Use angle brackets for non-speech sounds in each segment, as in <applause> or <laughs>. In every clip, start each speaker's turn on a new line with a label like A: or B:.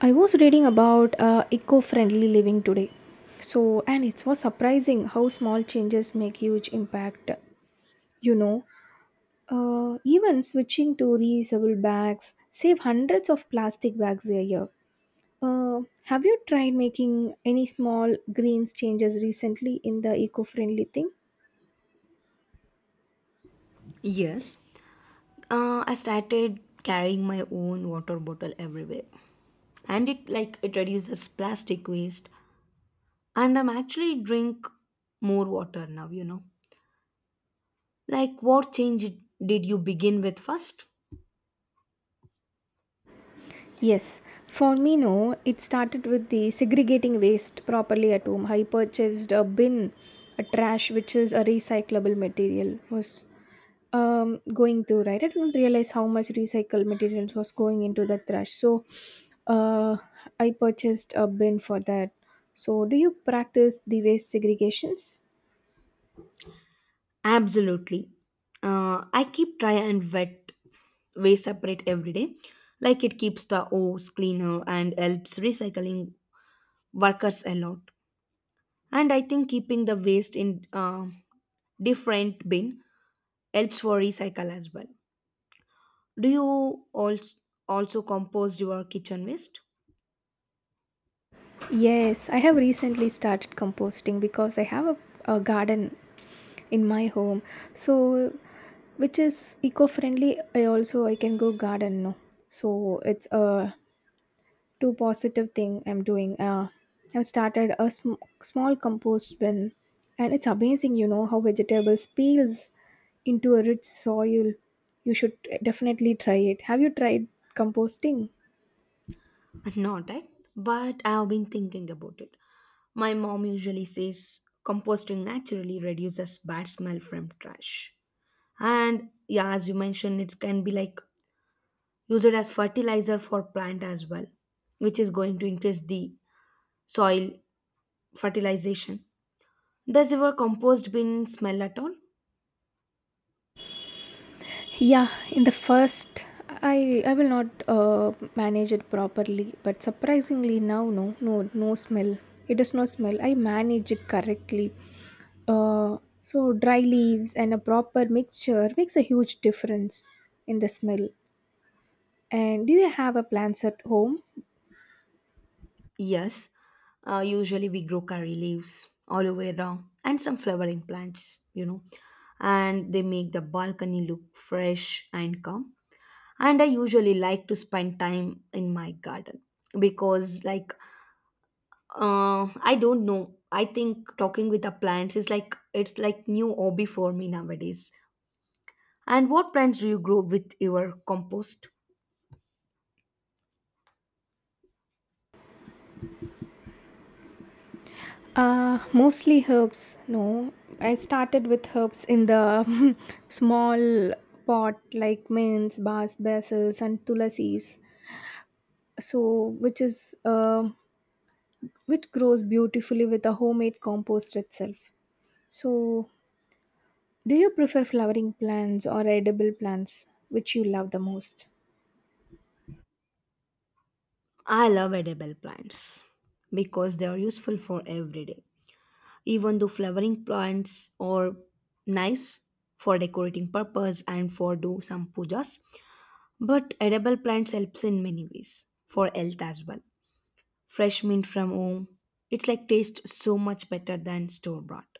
A: I was reading about eco friendly living today. And it was surprising how small changes make huge impact. You know, Even switching to reusable bags save hundreds of plastic bags a year. Have you tried making any small greens changes recently in the eco friendly thing?
B: Yes, I started carrying my own water bottle everywhere, and it like it reduces plastic waste. And I'm actually drink more water now. Like what change did you begin with first?
A: Yes, for me, no. It started with the segregating waste properly at home. I purchased a bin, a trash, which is a recyclable material, was going through right. I didn't realize how much recycled materials was going into the trash, so uh I purchased a bin for that. So do you practice the waste segregations?
B: Absolutely, I keep dry and wet waste separate every day. Like it keeps the O's cleaner and helps recycling workers a lot. And I think keeping the waste in different bin helps for recycle as well. Do you also compost your kitchen waste?
A: Yes, I have recently started composting because I have a garden in my home, so which is eco-friendly. I also I can go garden no, so it's a two positive thing I'm doing. I've started a small compost bin, and it's amazing you know how vegetables peels into a rich soil. You should definitely try it. Have you tried composting?
B: <laughs> Not right, but I have been thinking about it. My mom usually says composting naturally reduces bad smell from trash. And yeah, as you mentioned, it can be like used as fertilizer for plant as well, which is going to increase the soil fertilization. Does your compost bin smell at all?
A: Yeah, in the first, I will not manage it properly, but surprisingly now, no, no, no smell. It does not smell. I manage it correctly. So dry leaves and a proper mixture makes a huge difference in the smell. And do you have a plants at home?
B: Yes, usually we grow curry leaves all over around and some flowering plants, you know, and they make the balcony look fresh and calm. And I usually like to spend time in my garden because, like, I don't know. I think talking with the plants is like it's like new hobby for me nowadays. And what plants do you grow with your compost?
A: Mostly herbs. No, I started with herbs in the <laughs> small pot like mints, bas, basils, and tulasi's, so which is which grows beautifully with a homemade compost itself. So do you prefer flowering plants or edible plants which you love the most?
B: I love edible plants because they are useful for every day, even though flowering plants are nice for decorating purpose and for do some pujas. But edible plants helps in many ways for health as well. Fresh mint from home, it's like taste so much better than store bought.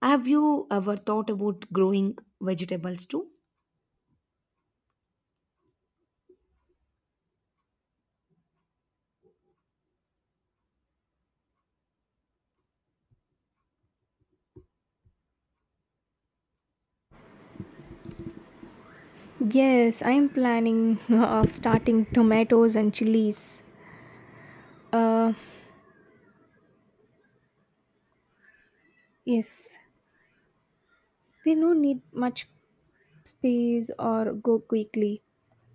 B: Have you ever thought about growing vegetables too?
A: Yes, I'm planning <laughs> of starting tomatoes and chilies. uh yes, they don't need much space or go quickly,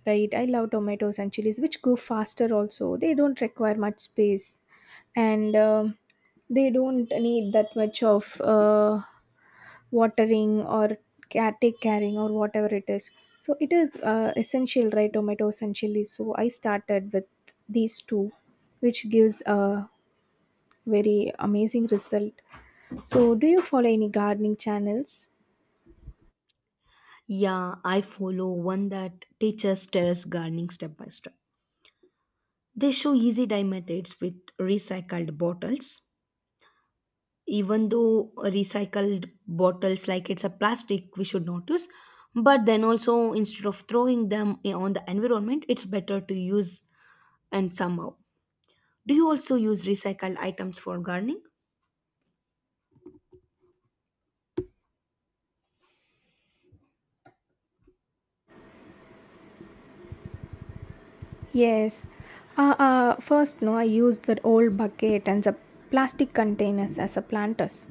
A: right? I love tomatoes and chilies which go faster. Also they don't require much space. And they don't need that much of watering or take caring or whatever it is. So it is essential, right? Tomatoes and chilies. So I started with these two, which gives a very amazing result. So do you follow any gardening channels?
B: Yeah, I follow one that teaches terrace gardening step by step. They show easy dye methods with recycled bottles. Even though recycled bottles, like it's a plastic we should not use, but then also instead of throwing them on the environment, it's better to use. And somehow, do you also use recycled items for gardening?
A: Yes. First, no, I use that old bucket and the plastic containers as a planters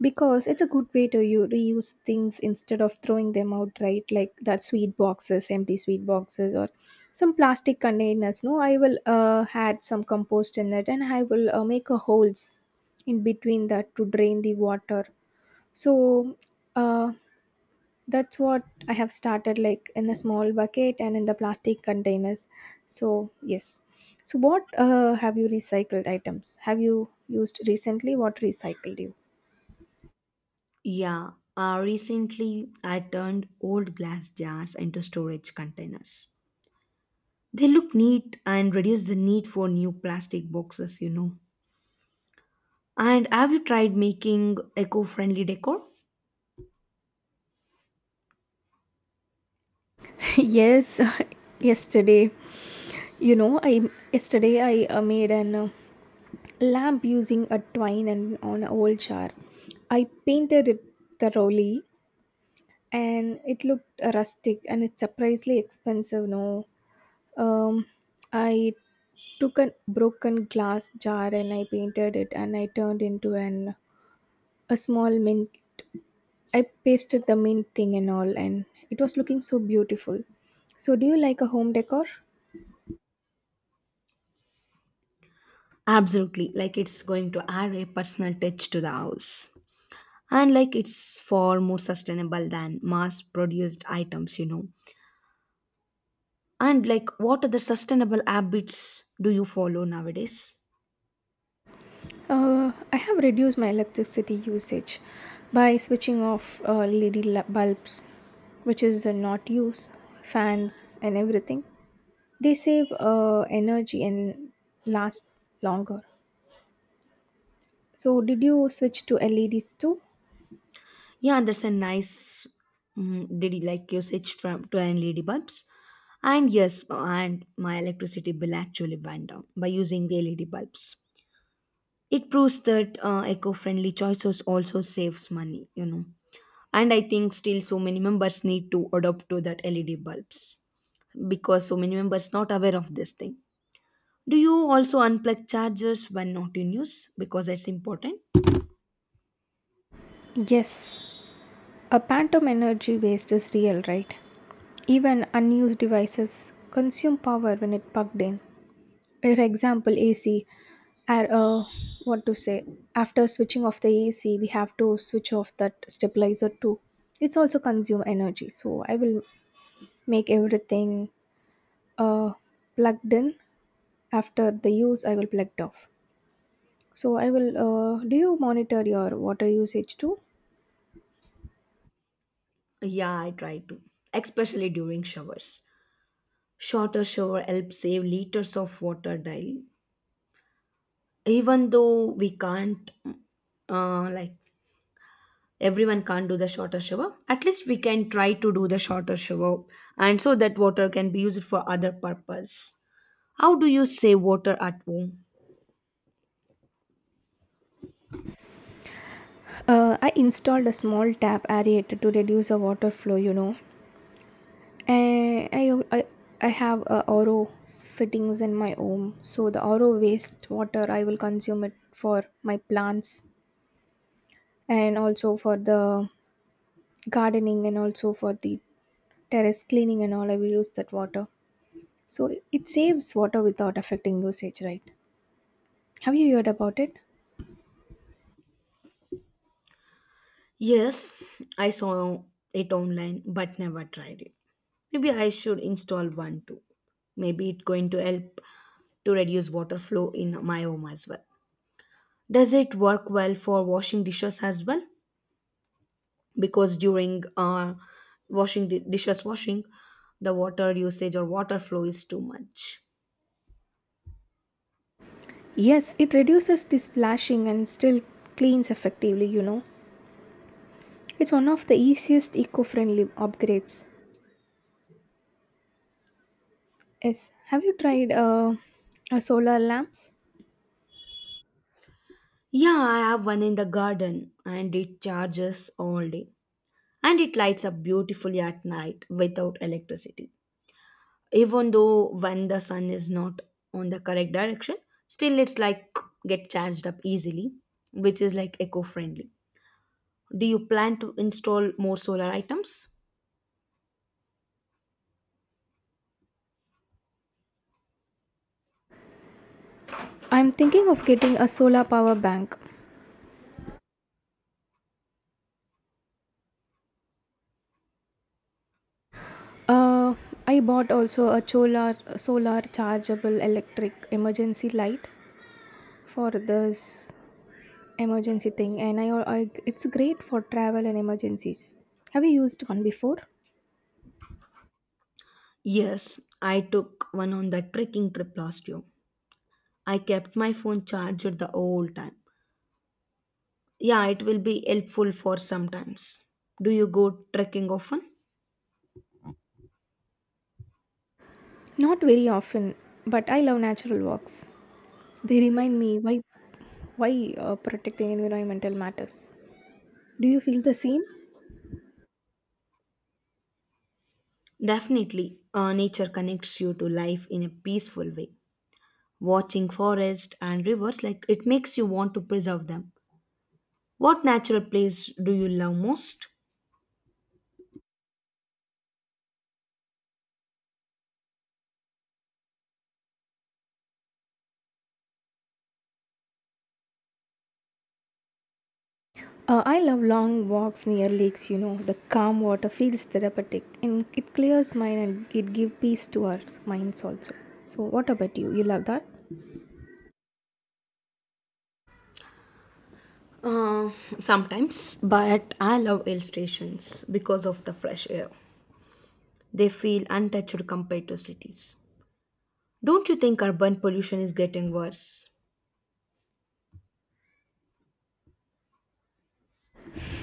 A: because it's a good way to you reuse things instead of throwing them out, right? Like that sweet boxes, empty sweet boxes, or some plastic containers. No, I will add some compost in it, and I will make a holes in between that to drain the water. So, uh, that's what I have started, like in a small bucket and in the plastic containers. So yes. So what have you recycled items have you used recently? What recycled you?
B: Yeah, recently I turned old glass jars into storage containers. They look neat and reduce the need for new plastic boxes, you know. And have you tried making eco-friendly decor?
A: <laughs> Yes. <laughs> Yesterday, you know, I yesterday I made an lamp using a twine and on an old jar. I painted it thoroughly, and it looked rustic, and it's surprisingly expensive no. Um, I took a broken glass jar and I painted it and I turned into an a small mint. I pasted the mint thing and all, and it was looking so beautiful. So, do you like a home decor?
B: Absolutely. Like it's going to add a personal touch to the house. And like it's far more sustainable than mass produced items, you know. And like what other sustainable habits do you follow nowadays?
A: I have reduced my electricity usage by switching off LED bulbs, which is not used, fans, and everything. They save energy and last longer. So, did you switch to LEDs too?
B: Yeah, there's a nice did you like usage from to LED bulbs. And yes, and my electricity bill actually went down by using the LED bulbs. It proves that eco-friendly choices also saves money, you know. And I think still so many members need to adopt to that LED bulbs because so many members not aware of this thing. Do you also unplug chargers when not in use because it's important?
A: Yes, a phantom energy waste is real, right? Even unused devices consume power when it plugged in. For example, AC. Ar- Uh, what to say? After switching off the AC, we have to switch off that stabilizer too. It's also consume energy. So I will make everything uh, plugged in. After the use, I will plugged off. So I will. Do you monitor your water usage too?
B: Yeah, I try to, especially during showers. Shorter shower helps save liters of water daily. Even though we can't, like everyone can't do the shorter shower, at least we can try to do the shorter shower, and so that water can be used for other purpose. How do you save water at home?
A: I installed a small tap aerator to reduce the water flow, you know. And I have a oro fittings in my home, so the oro waste water I will consume it for my plants and also for the gardening and also for the terrace cleaning and all. I will use that water, so it saves water without affecting usage, right? Have you heard about it?
B: Yes, I saw it online but never tried it. Maybe I should install one too. Maybe it's going to help to reduce water flow in my home as well. Does it work well for washing dishes as well? Because during washing dishes washing, the water usage or water flow is too much.
A: Yes, it reduces the splashing and still cleans effectively, you know. It's one of the easiest eco-friendly upgrades. Yes, have you tried a solar lamps?
B: Yeah, I have one in the garden and it charges all day. And it lights up beautifully at night without electricity. Even though when the sun is not on the correct direction, still it's like get charged up easily, which is like eco friendly. Do you plan to install more solar items?
A: I'm thinking of getting a solar power bank. Uh, I bought also a solar chargeable electric emergency light for this emergency thing, and I it's great for travel and emergencies. Have you used one before?
B: Yes, I took one on that trekking trip last year. I kept my phone charged the whole time. Yeah, it will be helpful for sometimes. Do you go trekking often?
A: Not very often, but I love natural walks. They remind me why protecting environmental matters. Do you feel the same?
B: Definitely, nature connects you to life in a peaceful way. Watching forests and rivers, like it makes you want to preserve them. What natural place do you love most?
A: I love long walks near lakes, you know. The calm water feels therapeutic and it clears mind and it gives peace to our minds also. So, what about you? You love that?
B: uh, Sometimes, but I love hill stations because of the fresh air. They feel untouched compared to cities. Don't you think urban pollution is getting worse?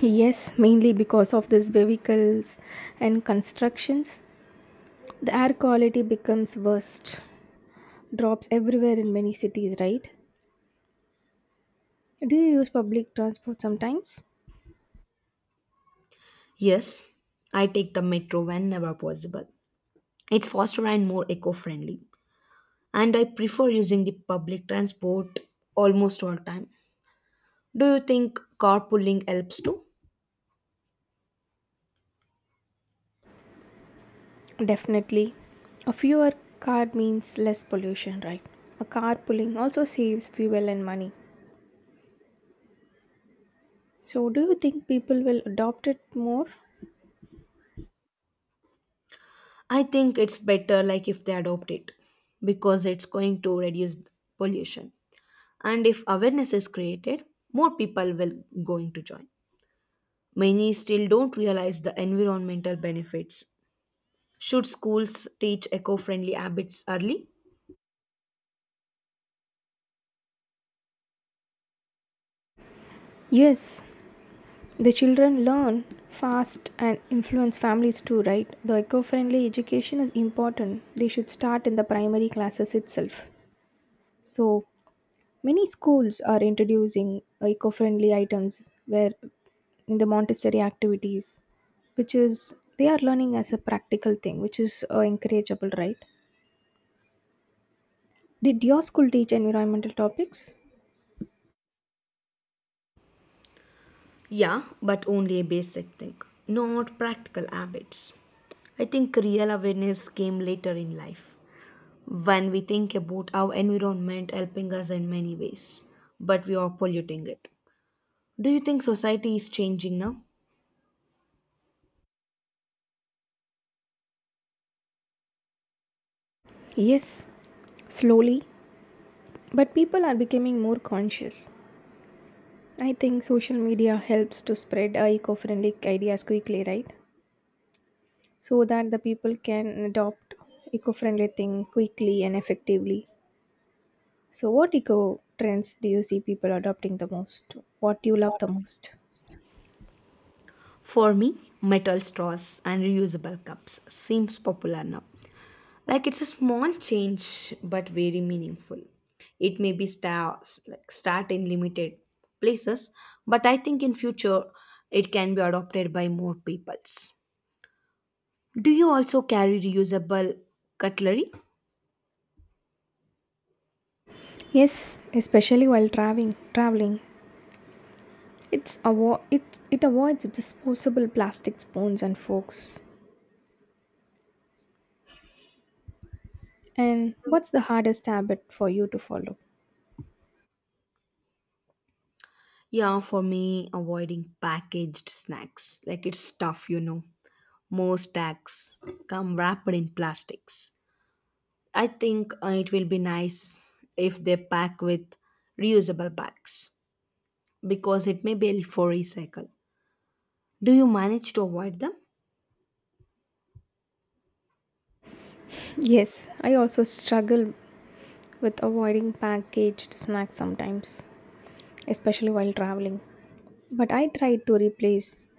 A: Yes, mainly because of these vehicles and constructions. The air quality becomes worst, drops everywhere in many cities, right? Do you use public transport sometimes?
B: Yes, I take the metro whenever possible. It's faster and more eco-friendly, and I prefer using the public transport almost all time. Do you think carpooling helps too?
A: Definitely. A fewer car means less pollution, right? A car pulling also saves fuel and money. So, do you think people will adopt it more?
B: I think it's better like if they adopt it because it's going to reduce pollution. And if awareness is created, more people will going to join. Many still don't realize the environmental benefits. Should schools teach eco-friendly habits early?
A: Yes, the children learn fast and influence families too, right? The eco friendly education is important. They should start in the primary classes itself. So, many schools are introducing eco friendly items where in the Montessori activities, which is they are learning as a practical thing, which is encourageable, right? Did your school teach environmental topics?
B: Yeah, but only a basic thing, not practical habits. I think real awareness came later in life when we think about our environment helping us in many ways, but we are polluting it. Do you think society is changing now?
A: Yes, slowly. But people are becoming more conscious. I think social media helps to spread eco-friendly ideas quickly, right? So that the people can adopt eco-friendly thing quickly and effectively. So what eco trends do you see people adopting the most? What do you love the most?
B: For me, metal straws and reusable cups seems popular now. Like it's a small change but very meaningful. It may be start like start in limited places, but I think in future it can be adopted by more peoples. Do you also carry reusable cutlery?
A: Yes, especially while traveling. Traveling, it it avoids disposable plastic spoons and forks. And what's the hardest habit for you to follow?
B: Yeah, for me, avoiding packaged snacks. Like it's tough, you know. Most snacks come wrapped in plastics. I think it will be nice if they pack with reusable bags because it may be for recycle. Do you manage to avoid them?
A: Yes, I also struggle with avoiding packaged snacks sometimes, especially while traveling. But I try to replace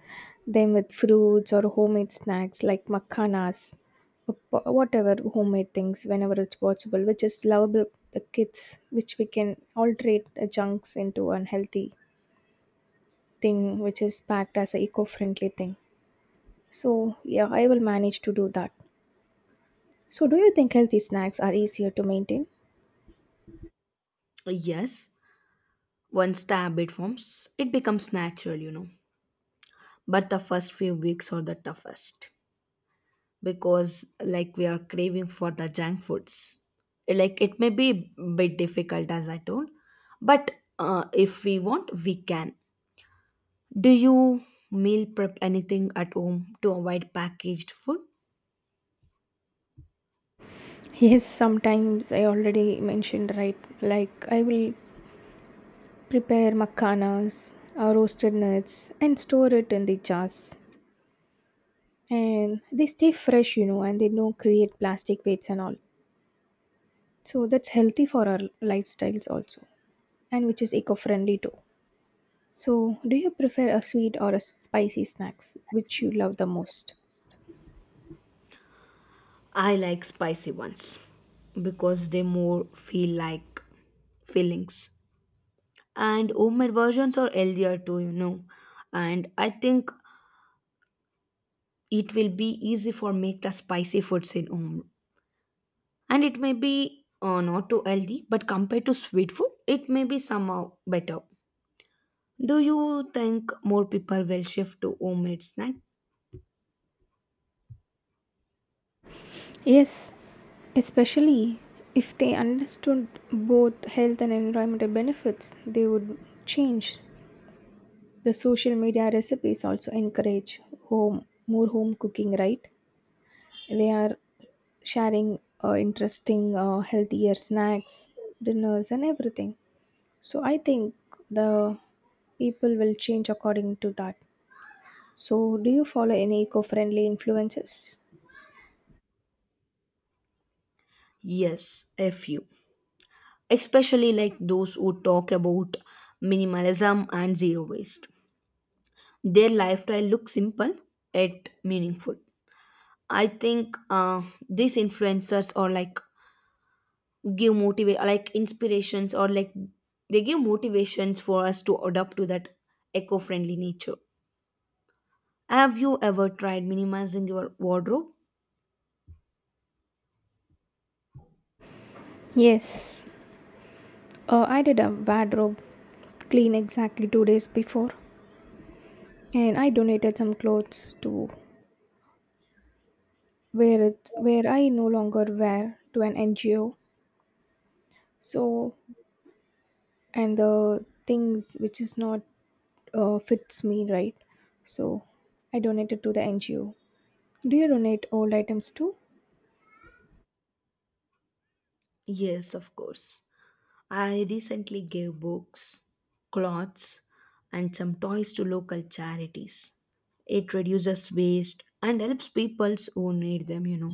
A: them with fruits or homemade snacks like makhanas, or whatever homemade things whenever it's possible, which is lovable the kids, which we can alterate the junks into unhealthy thing, which is packed as an eco-friendly thing. So yeah, I will manage to do that. So do you think healthy snacks are easier to maintain?
B: Yes. Once the habit forms, it becomes natural, you know. But the first few weeks are the toughest because, like, we are craving for the junk foods. Like, it may be a bit difficult, as I told, but if we want, we can. Do you meal prep anything at home to avoid packaged food?
A: Yes, sometimes I already mentioned, right? Like, I will prepare makhanas, roasted nuts, and store it in the jars. And they stay fresh, you know, and they don't create plastic weights and all. So, that's healthy for our lifestyles also, and which is eco friendly too. So, do you prefer a sweet or a spicy snacks which you love the most?
B: I like spicy ones because they more feel like fillings. And homemade versions are healthier too, you know. And I think it will be easy for make the spicy foods in home. And it may be not too healthy, but compared to sweet food, it may be somehow better. Do you think more people will shift to homemade snack?
A: Yes, especially if they understood both health and environmental benefits, they would change. The social media recipes also encourage home more home cooking, right? They are sharing interesting, healthier snacks, dinners, and everything. So I think the people will change according to that. So, do you follow any eco-friendly influences?
B: Yes, a few. Especially like those who talk about minimalism and zero waste. Their lifestyle looks simple yet meaningful. I think these influencers or like give motivate like inspirations or like they give motivations for us to adapt to that eco-friendly nature. Have you ever tried minimizing your wardrobe?
A: Yes, I did a wardrobe clean exactly 2 days before, and I donated some clothes to where it where I no longer wear to an NGO. So and the things which is not fits me right, so I donated to the NGO. Do you donate old items too?
B: Yes, of course. I recently gave books, clothes, and some toys to local charities. It reduces waste and helps people who need them, you know.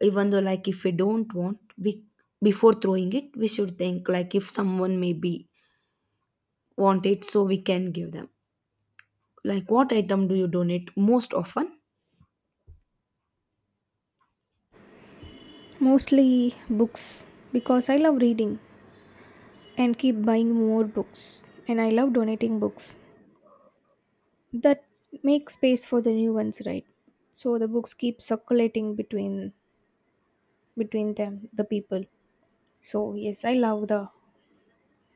B: Even though, like, if we don't want, we before throwing it we should think, like, if someone maybe want it, so we can give them. Like, what item do you donate most often?
A: Mostly books, because I love reading and keep buying more books, and I love donating books that make space for the new ones, right? So the books keep circulating between them the people. So yes, I love the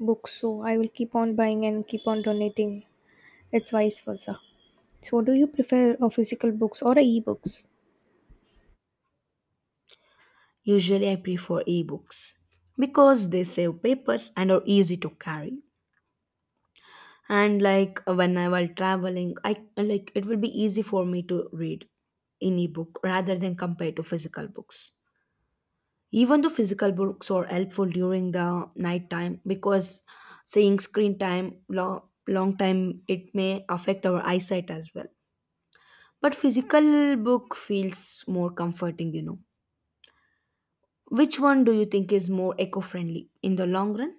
A: books, so I will keep on buying and keep on donating. It's vice versa. So, do you prefer physical books or e-books?
B: Usually I prefer ebooks because they save papers and are easy to carry. And like when I while traveling, I like it will be easy for me to read in ebook rather than compared to physical books. Even though physical books are helpful during the night time because saying screen time long, long time it may affect our eyesight as well. But physical book feels more comforting, you know. Which one do you think is more eco-friendly in the long run?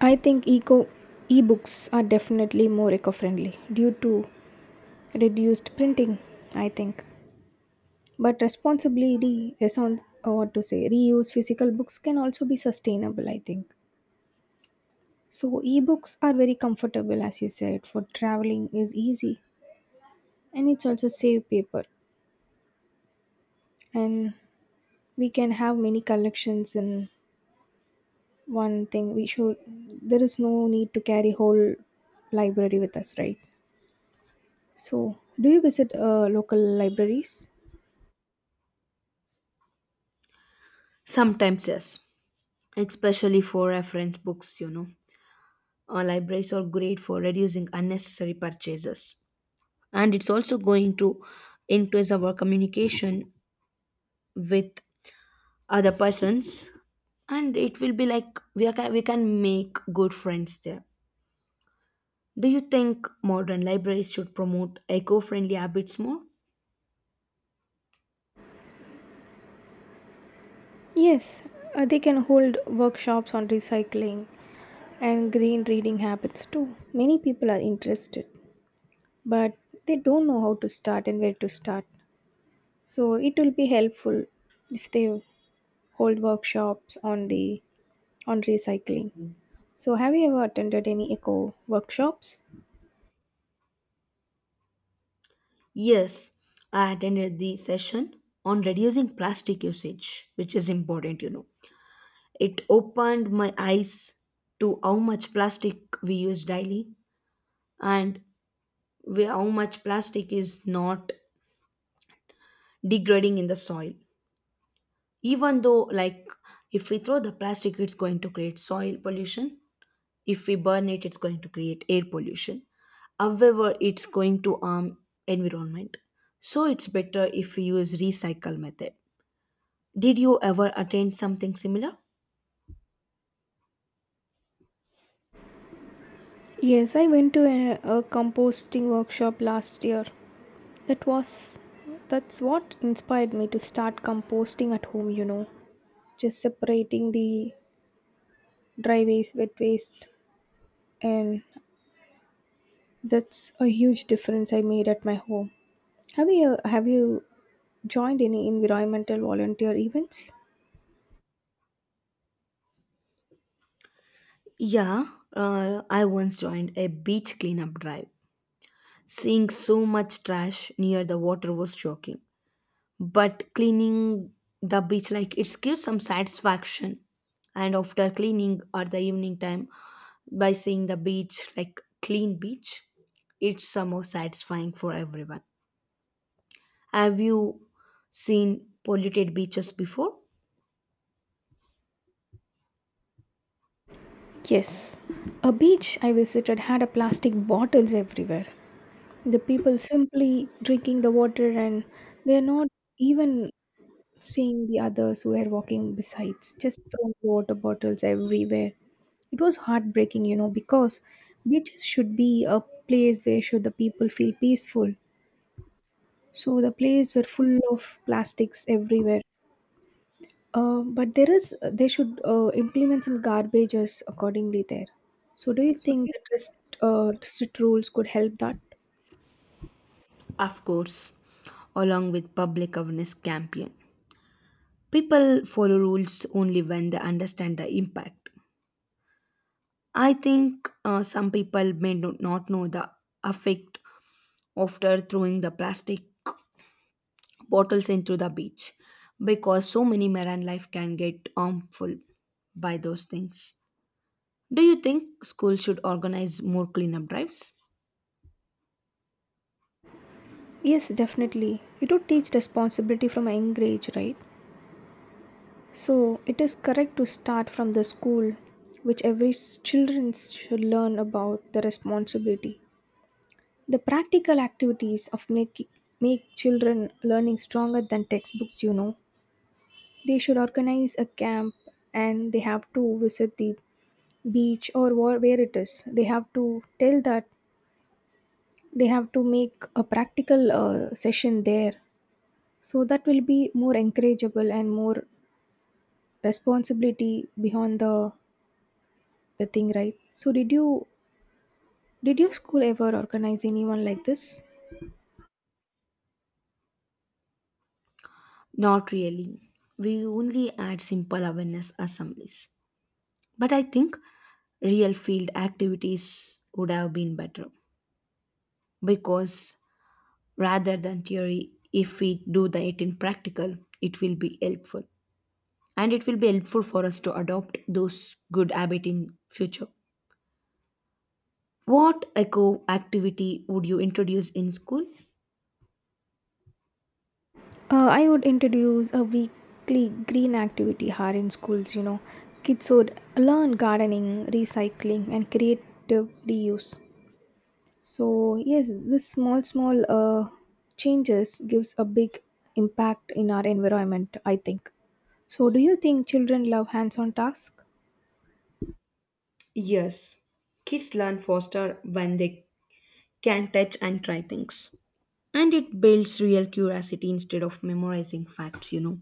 A: I think eco e-books are definitely more eco-friendly due to reduced printing. I think, but responsibly or what to say reuse physical books can also be sustainable. I think so. E-books are very comfortable, as you said, for traveling is easy, and it's also save paper, and we can have many collections in one thing. We should there is no need to carry whole library with us, right? So, do you visit local libraries?
B: Sometimes yes, especially for reference books, you know. Libraries are great for reducing unnecessary purchases. And it's also going to increase our communication with other persons, and it will be like we can make good friends there. Do you think modern libraries should promote eco-friendly habits more?
A: Yes, they can hold workshops on recycling and green reading habits too. Many people are interested, but they don't know how to start and where to start. So, it will be helpful if they hold workshops on the on recycling. So, have you ever attended any eco workshops?
B: Yes, I attended the session on reducing plastic usage, which is important, you know. It opened my eyes to how much plastic we use daily. And how much plastic is not degrading in the soil. Even though, like, if we throw the plastic it's going to create soil pollution. If we burn it, it's going to create air pollution. However, it's going to harm environment. So it's better if we use recycle method. Did you ever attend something similar?
A: Yes, I went to a composting workshop last year. That was that's what inspired me to start composting at home, you know. Just separating the dry waste, wet waste, and that's a huge difference I made at my home. Have you joined any environmental volunteer events?
B: Yeah, I once joined a beach cleanup drive. Seeing so much trash near the water was shocking. But cleaning the beach, like it gives some satisfaction. And after cleaning or the evening time, by seeing the beach like clean beach, it's somehow satisfying for everyone. Have you seen polluted beaches before?
A: Yes. A beach I visited had a plastic bottles everywhere. The people simply drinking the water, and they're not even seeing the others who were walking besides, just throwing water bottles everywhere. It was heartbreaking, you know, because beaches should be a place where should the people feel peaceful. So the place were full of plastics everywhere. But there is they should implement some garbages accordingly there. So do you think that strict rules could help that?
B: Of course, along with public awareness campaign. People follow rules only when they understand the impact. I think some people may not know the effect after throwing the plastic bottles into the beach, because so many marine life can get harmful by those things. Do you think schools should organize more cleanup drives?
A: Yes, definitely. It would teach responsibility from a young age, right? So, it is correct to start from the school, which every children should learn about the responsibility. The practical activities of make children learning stronger than textbooks, you know. They should organize a camp, and they have to visit the beach or where it is. They have to tell that they have to make a practical session there. So, that will be more encourageable and more responsibility beyond the thing, right? So did your school ever organize anyone like this?
B: Not really. We only add simple awareness assemblies. But I think real field activities would have been better because rather than theory, if we do the it in practical, it will be helpful. And it will be helpful for us to adopt those good habits in future. What eco activity would you introduce in school?
A: I would introduce a weekly green activity hour in schools. You know, kids would learn gardening, recycling, and creative reuse. So yes, this small changes gives a big impact in our environment. I think. So, do you think children love hands on tasks?
B: Yes, kids learn faster when they can touch and try things. And it builds real curiosity instead of memorizing facts, you know.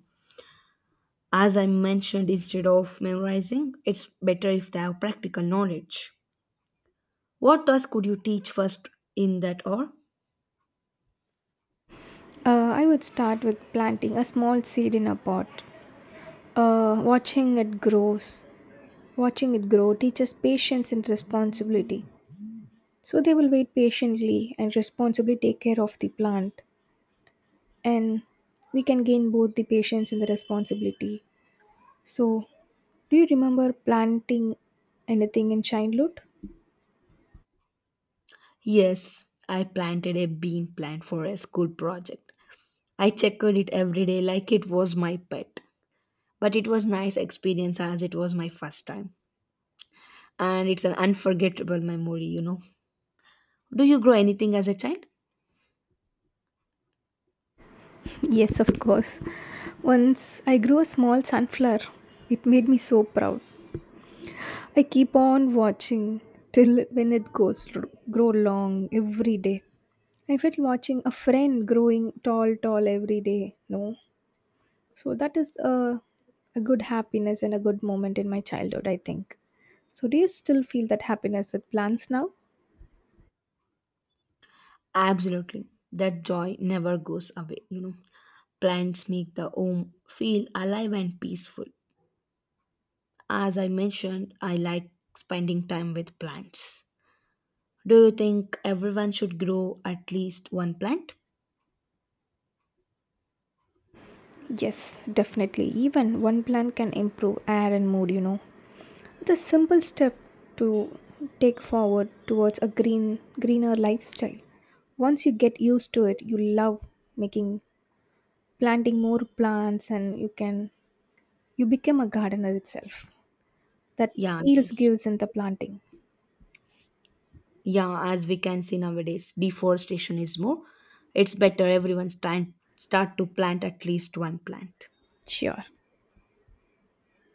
B: As I mentioned, instead of memorizing, it's better if they have practical knowledge. What task could you teach first in that or?
A: I would start with planting a small seed in a pot, watching it grows. Watching it grow teaches patience and responsibility. So they will wait patiently and responsibly take care of the plant. And we can gain both the patience and the responsibility. So, do you remember planting anything in childhood?
B: Yes, I planted a bean plant for a school project. I checked it every day like it was my pet. But it was nice experience as it was my first time. And it's an unforgettable memory, you know. Do you grow anything as a child?
A: Yes, of course. Once I grew a small sunflower. It made me so proud. I keep on watching till when it grow long every day. I felt watching a friend growing tall every day. No, so that is a good happiness and a good moment in my childhood. I think. So do you still feel that happiness with plants now?
B: Absolutely. That joy never goes away, you know. Plants make the home feel alive and peaceful. As I mentioned, I like spending time with plants. Do you think everyone should grow at least one plant?
A: Yes, definitely. Even one plant can improve air and mood. You know. It's a simple step to take forward towards a greener lifestyle. Once you get used to it, you love making planting more plants, and you can you become a gardener itself. That
B: Yeah,
A: feels
B: that's
A: gives in the planting.
B: yeah, as we can see nowadays, deforestation is more. It's better everyone start to plant at least one plant.
A: Sure.